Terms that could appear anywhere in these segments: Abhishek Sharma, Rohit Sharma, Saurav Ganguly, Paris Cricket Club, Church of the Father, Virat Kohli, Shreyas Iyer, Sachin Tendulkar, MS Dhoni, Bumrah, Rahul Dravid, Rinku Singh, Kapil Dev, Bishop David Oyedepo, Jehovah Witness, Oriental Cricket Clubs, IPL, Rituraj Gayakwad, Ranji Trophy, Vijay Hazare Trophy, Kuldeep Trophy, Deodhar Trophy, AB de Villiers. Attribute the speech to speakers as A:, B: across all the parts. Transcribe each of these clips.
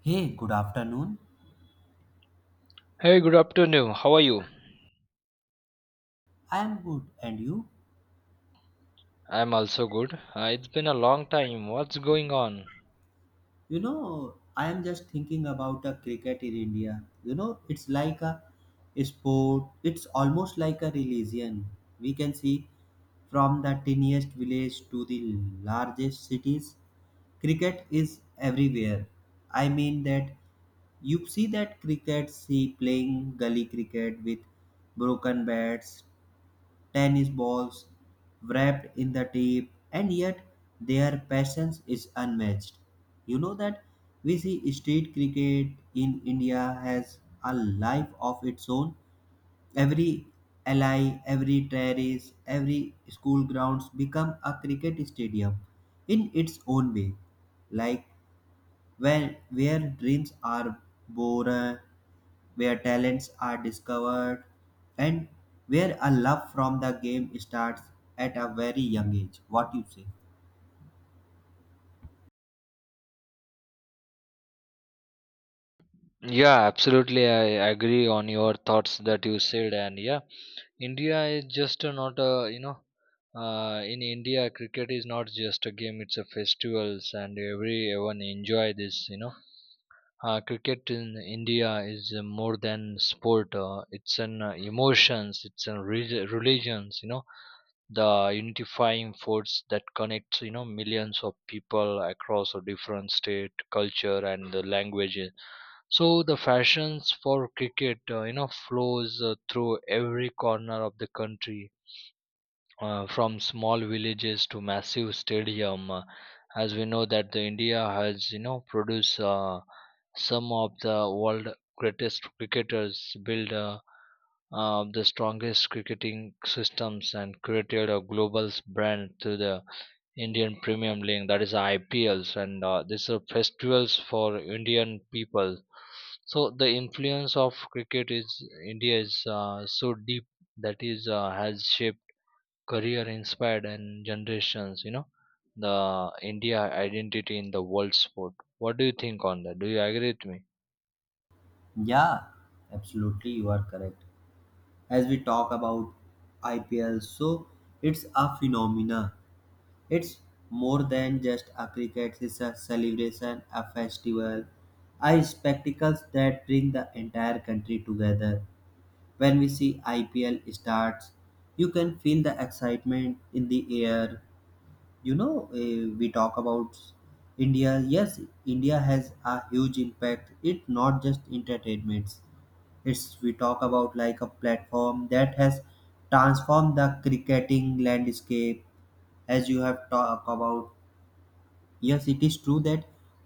A: Hey, good afternoon.
B: Hey, good afternoon. How are you?
A: I am good. And you?
B: I'm also good. It's been a long time. What's going on?
A: I am just thinking about a cricket in India. It's like a sport, it's almost like a religion. We can see from the tiniest village to the largest cities, cricket is everywhere. I mean that you see that cricket see playing gully cricket with broken bats tennis balls wrapped in the tape, and yet their passion is unmatched. You know that we see street cricket in India has a life of its own. Every alley, every terrace, every school grounds become a cricket stadium in its own way. Like where dreams are born, where talents are discovered, and where a love from the game starts at a very young age. What you say?
B: Yeah, absolutely. I agree on your thoughts that you said. And yeah, India is just not a, in India, cricket is not just a game, it's a festivals and everyone enjoy this. Cricket in India is more than sport. It's an emotions, it's a religions, the unifying force that connects millions of people across a different state culture and the languages, so the fashions for cricket, flows through every corner of the country, from small villages to massive stadium, as we know that the India has produced, some of the world greatest cricketers build the strongest cricketing systems and created a global brand through the Indian Premium League, that is IPLs, and these are festivals for Indian people. So the influence of cricket is India is so deep that is has shaped career, inspired, and generations, the India identity in the world sport. What do you think on that? Do you agree with me?
A: Yeah, absolutely, you are correct. As we talk about IPL, so it's a phenomena. It's more than just a cricket, it's a celebration, a festival, a spectacles that bring the entire country together. When we see IPL starts, you can feel the excitement in the air. We talk about India. Yes, India has a huge impact. It's not just entertainments. It's we talk about like a platform that has transformed the cricketing landscape. As you have talked about, yes, it is true that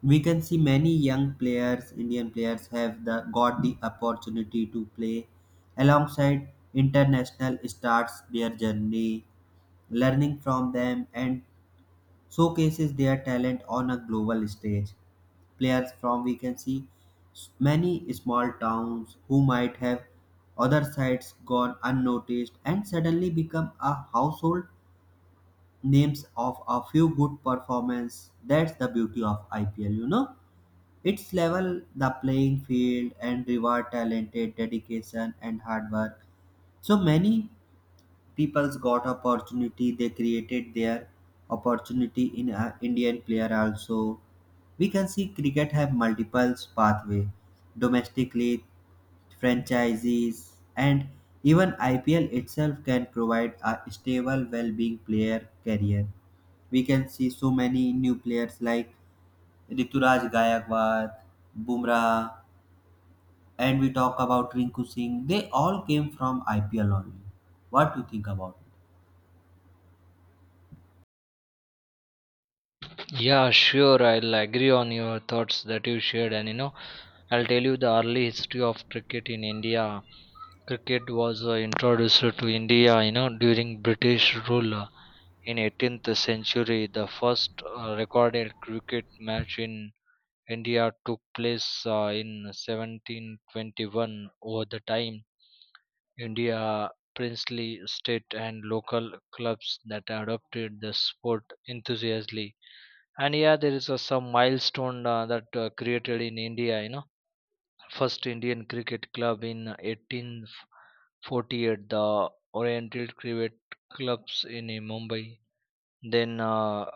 A: we can see many young players, Indian players, have got the opportunity to play alongside international stars their journey, learning from them and showcases their talent on a global stage. Players from we can see many small towns who might have other sides gone unnoticed and suddenly become a household names of a few good performance. That's the beauty of IPL. It's level the playing field and reward talented dedication and hard work. So many people's got opportunity. They created their opportunity in a Indian player also. We can see cricket have multiple pathway domestically franchises, and even IPL itself can provide a stable, well-being player career. We can see so many new players like Rituraj Gayakwad, Bumrah, and we talk about Rinku Singh. They all came from IPL only. What do you think about?
B: Yeah, sure, I'll agree on your thoughts that you shared, and I'll tell you the early history of cricket in India. Cricket was introduced to India during British rule, in 18th century. The first recorded cricket match in India took place in 1721. Over the time, India princely state and local clubs that adopted the sport enthusiastically. And yeah, there is some milestone that created in India. You know, first Indian cricket club in 1848, the Oriental Cricket Clubs in Mumbai. Then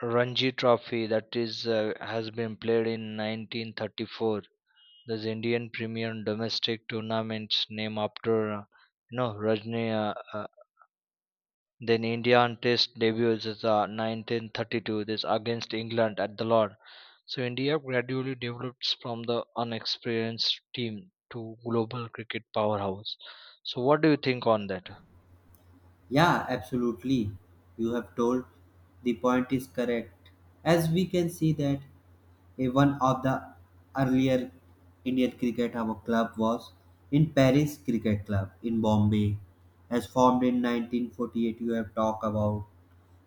B: Ranji Trophy, that is has been played in 1934. This Indian Premier Domestic Tournament's name after, Rajni. Then Indian Test debuts is 1932. This against England at the Lord. So India gradually develops from the unexperienced team to global cricket powerhouse. So what do you think on that?
A: Yeah, absolutely. You have told the point is correct. As we can see that one of the earlier Indian cricket our club was in Paris Cricket Club in Bombay, as formed in 1948. You have talked about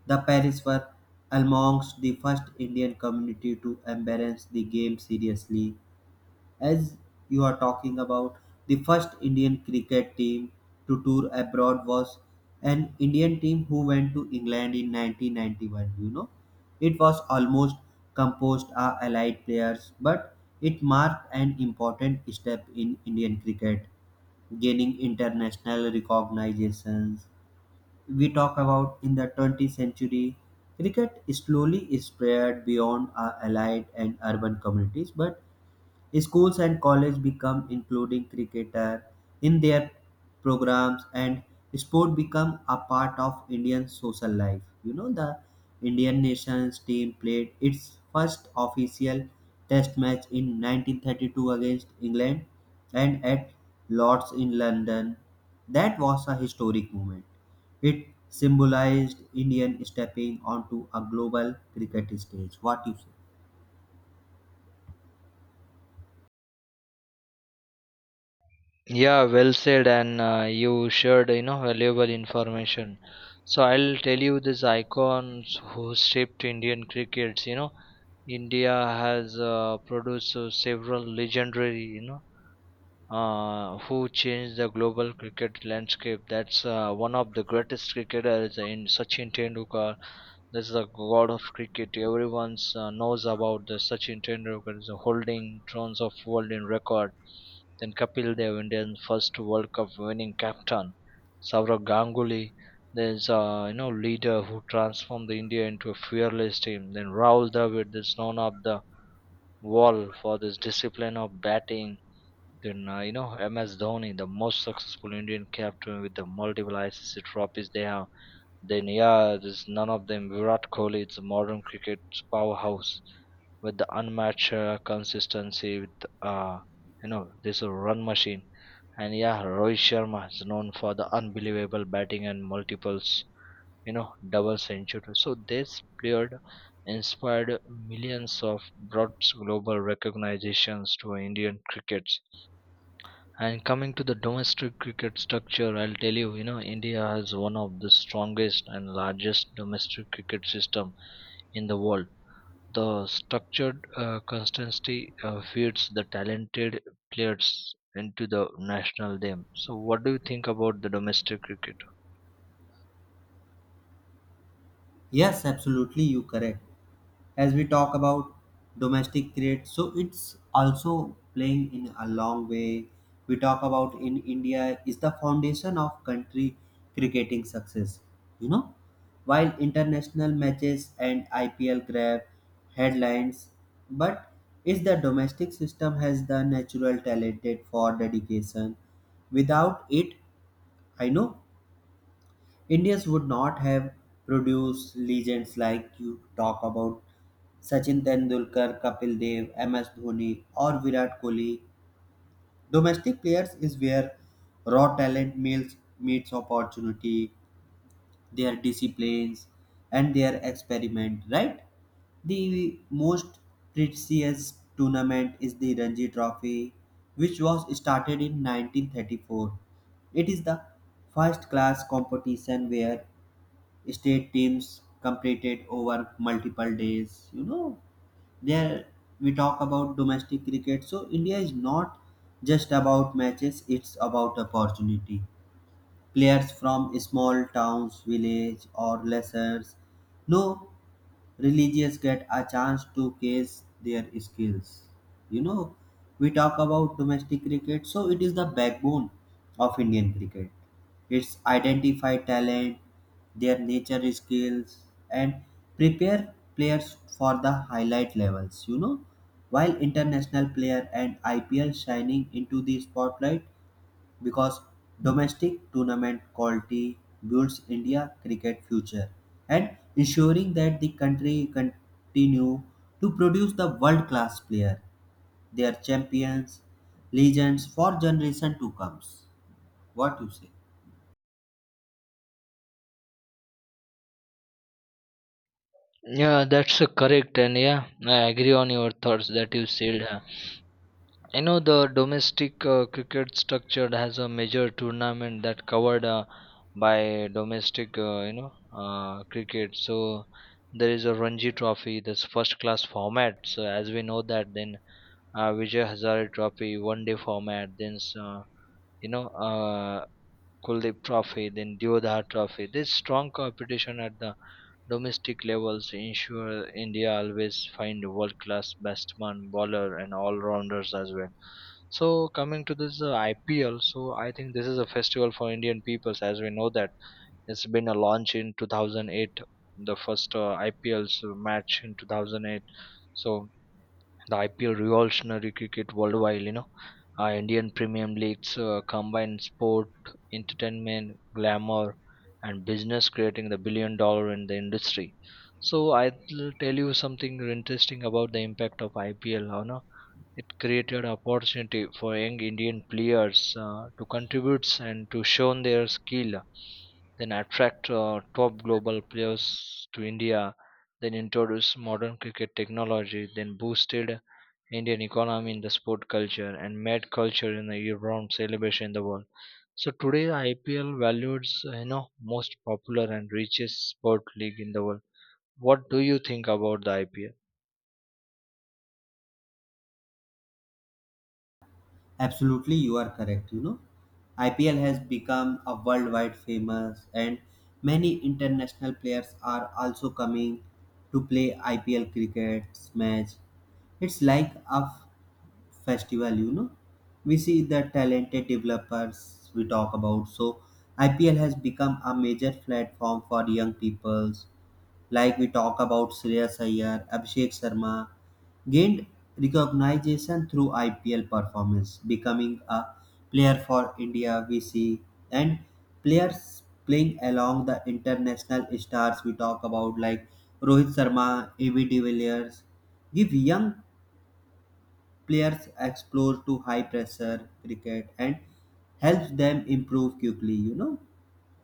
A: the Paris were amongst the first Indian community to embrace the game seriously as you are talking about, the first Indian cricket team to tour abroad was an Indian team who went to England in 1991. It was almost composed of allied players, but it marked an important step in Indian cricket, gaining international recognitions. We talk about in the 20th century, cricket slowly spread beyond our allied and urban communities, but schools and colleges become including cricketer in their programs and sport become a part of Indian social life. The Indian nations team played its first official test match in 1932 against England and at Lord's in London. That was a historic moment. It symbolized Indian stepping onto a global cricket stage. What you say?
B: Yeah, well said, and you shared valuable information. So I'll tell you these icons who shaped Indian crickets. You know, India has produced several legendary, who changed the global cricket landscape. That's one of the greatest cricketers in Sachin Tendulkar. That's the god of cricket. Everyone knows about the Sachin Tendulkar is holding thrones of world in record. Then Kapil Dev, Indian first World Cup winning captain. Saurav Ganguly, there's a leader who transformed the India into a fearless team. Then Rahul Dravid, that's known of the wall for this discipline of batting, then MS Dhoni, the most successful Indian captain with the multiple ICC trophies they have. Then yeah, there's none of them. Virat Kohli, it's a modern cricket's powerhouse with the unmatched consistency. Uh, this a run machine. And yeah, Rohit Sharma is known for the unbelievable batting and multiples. You know, double century. So this player inspired millions of brought global recognitions to Indian cricket. And coming to the domestic cricket structure, I'll tell you, you know, India has one of the strongest and largest domestic cricket system in the world. The structured constancy feeds the talented players into the national team. So what do you think about the domestic cricket?
A: Yes, absolutely, you correct. As we talk about domestic cricket, so it's also playing in a long way. We talk about in India is the foundation of country cricketing success. You know while international matches and IPL grab headlines, but is the domestic system has the natural talented for dedication. Without it, I know Indians would not have produced legends like you talk about Sachin Tendulkar, Kapil Dev, MS Dhoni, or Virat Kohli. Domestic players is where raw talent meets opportunity, their disciplines, and their experiment, right? The most prestigious tournament is the Ranji Trophy, which was started in 1934. It is the first class competition where state teams completed over multiple days. You know there we talk about domestic cricket, so India is not just about matches, it's about opportunity. Players from small towns, village, or lessers. No religious get a chance to case their skills. You know, we talk about domestic cricket, so it is the backbone of Indian cricket. It's identify talent, their nature skills, and prepare players for the highlight levels. While international player and IPL shining into the spotlight, because domestic tournament quality builds India cricket future and ensuring that the country continue to produce the world class player, their champions, legends for generation to comes. What you say?
B: Yeah, that's correct, and yeah, I agree on your thoughts that you said. I know the domestic cricket structured has a major tournament that covered by domestic, cricket. So there is a Ranji Trophy, this first class format. So as we know that, then Vijay Hazare Trophy, 1 day format. Then you know, uh, Kuldeep Trophy, then Deodhar Trophy. There's strong competition at the domestic levels, ensure India always find a world-class batsman, bowler, and all-rounders as well. So coming to this IPL, so I think this is a festival for Indian peoples, as we know that it's been a launch in 2008, the first IPL's match in 2008. So the IPL revolutionary cricket worldwide. You know, Indian Premium Leagues combine sport, entertainment, glamour, and business, creating the billion dollar in the industry. So I'll tell you something interesting about the impact of IPL. You know, it created opportunity for young Indian players to contribute and to show their skill, then attract top global players to India, then introduce modern cricket technology, then boosted Indian economy in the sport culture and mad culture in the year-round celebration in the world. So today IPL values, you know, most popular and richest sport league in the world. What do you think about the IPL?
A: Absolutely, you are correct. IPL has become a worldwide famous, and many international players are also coming to play IPL cricket match. It's like a festival. You know we see the talented developers we talk about, so IPL has become a major platform for young peoples like we talk about Shreyas Iyer Abhishek Sharma gained recognition through IPL performance becoming a player for India we see, and players playing along the international stars we talk about like Rohit Sharma, AB de Villiers give young players explore to high pressure cricket and helps them improve quickly. You know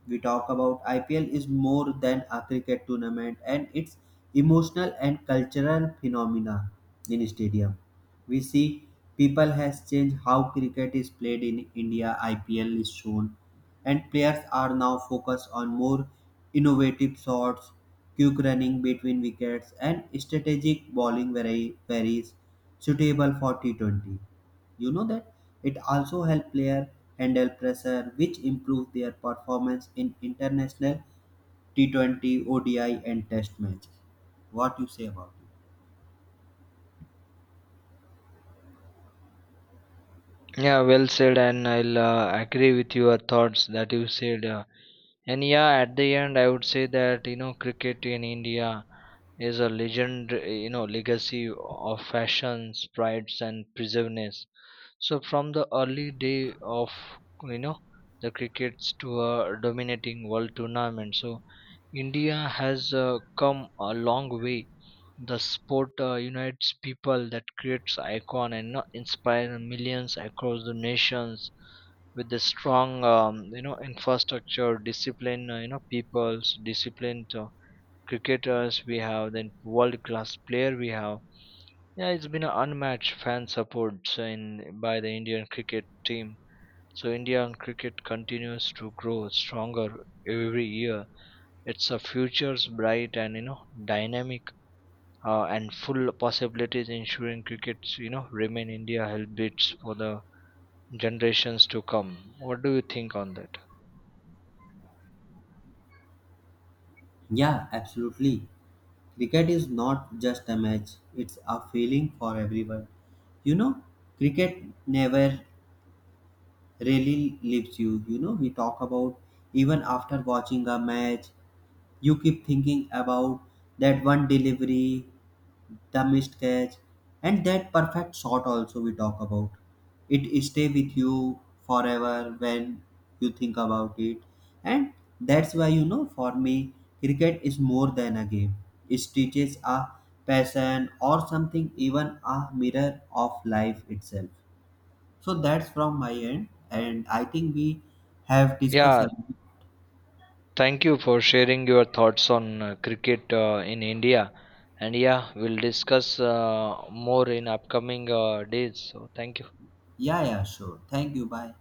A: we talk about IPL is more than a cricket tournament and it's emotional and cultural phenomena in stadium. We see people has changed how cricket is played in India. IPL is shown, and players are now focused on more innovative shots, quick running between wickets, and strategic bowling varies suitable for T20. You know that it also helps player handle pressure, which improve their performance in international T20, ODI, and Test match. What you say about it?
B: Yeah, well said, and I'll agree with your thoughts that you said. And yeah, at the end, I would say that cricket in India is a legend, legacy of fashions prides and preserveness. So from the early day of, you know the crickets to a dominating world tournament, so India has come a long way. The sport unites people that creates icon and not inspire millions across the nations, with the strong infrastructure discipline, people's disciplined cricketers we have, then world class player we have. Yeah, it's been an unmatched fan support in by the Indian cricket team. So Indian cricket continues to grow stronger every year. It's a futures bright and dynamic, and full possibilities ensuring crickets, remain India health bits for the generations to come. What do you think on that?
A: Yeah, absolutely. Cricket is not just a match, it's a feeling for everyone. You know, cricket never really leaves you. We talk about even after watching a match, you keep thinking about that one delivery, the missed catch and that perfect shot also we talk about it stay with you forever when you think about it, and that's why for me cricket is more than a game. It teaches a passion or something, even a mirror of life itself. So that's from my end, and I think we have discussed
B: Yeah,
A: a-
B: thank you for sharing your thoughts on cricket in India. And yeah, we'll discuss more in upcoming days. So, thank you.
A: yeah, yeah, sure, thank you, bye.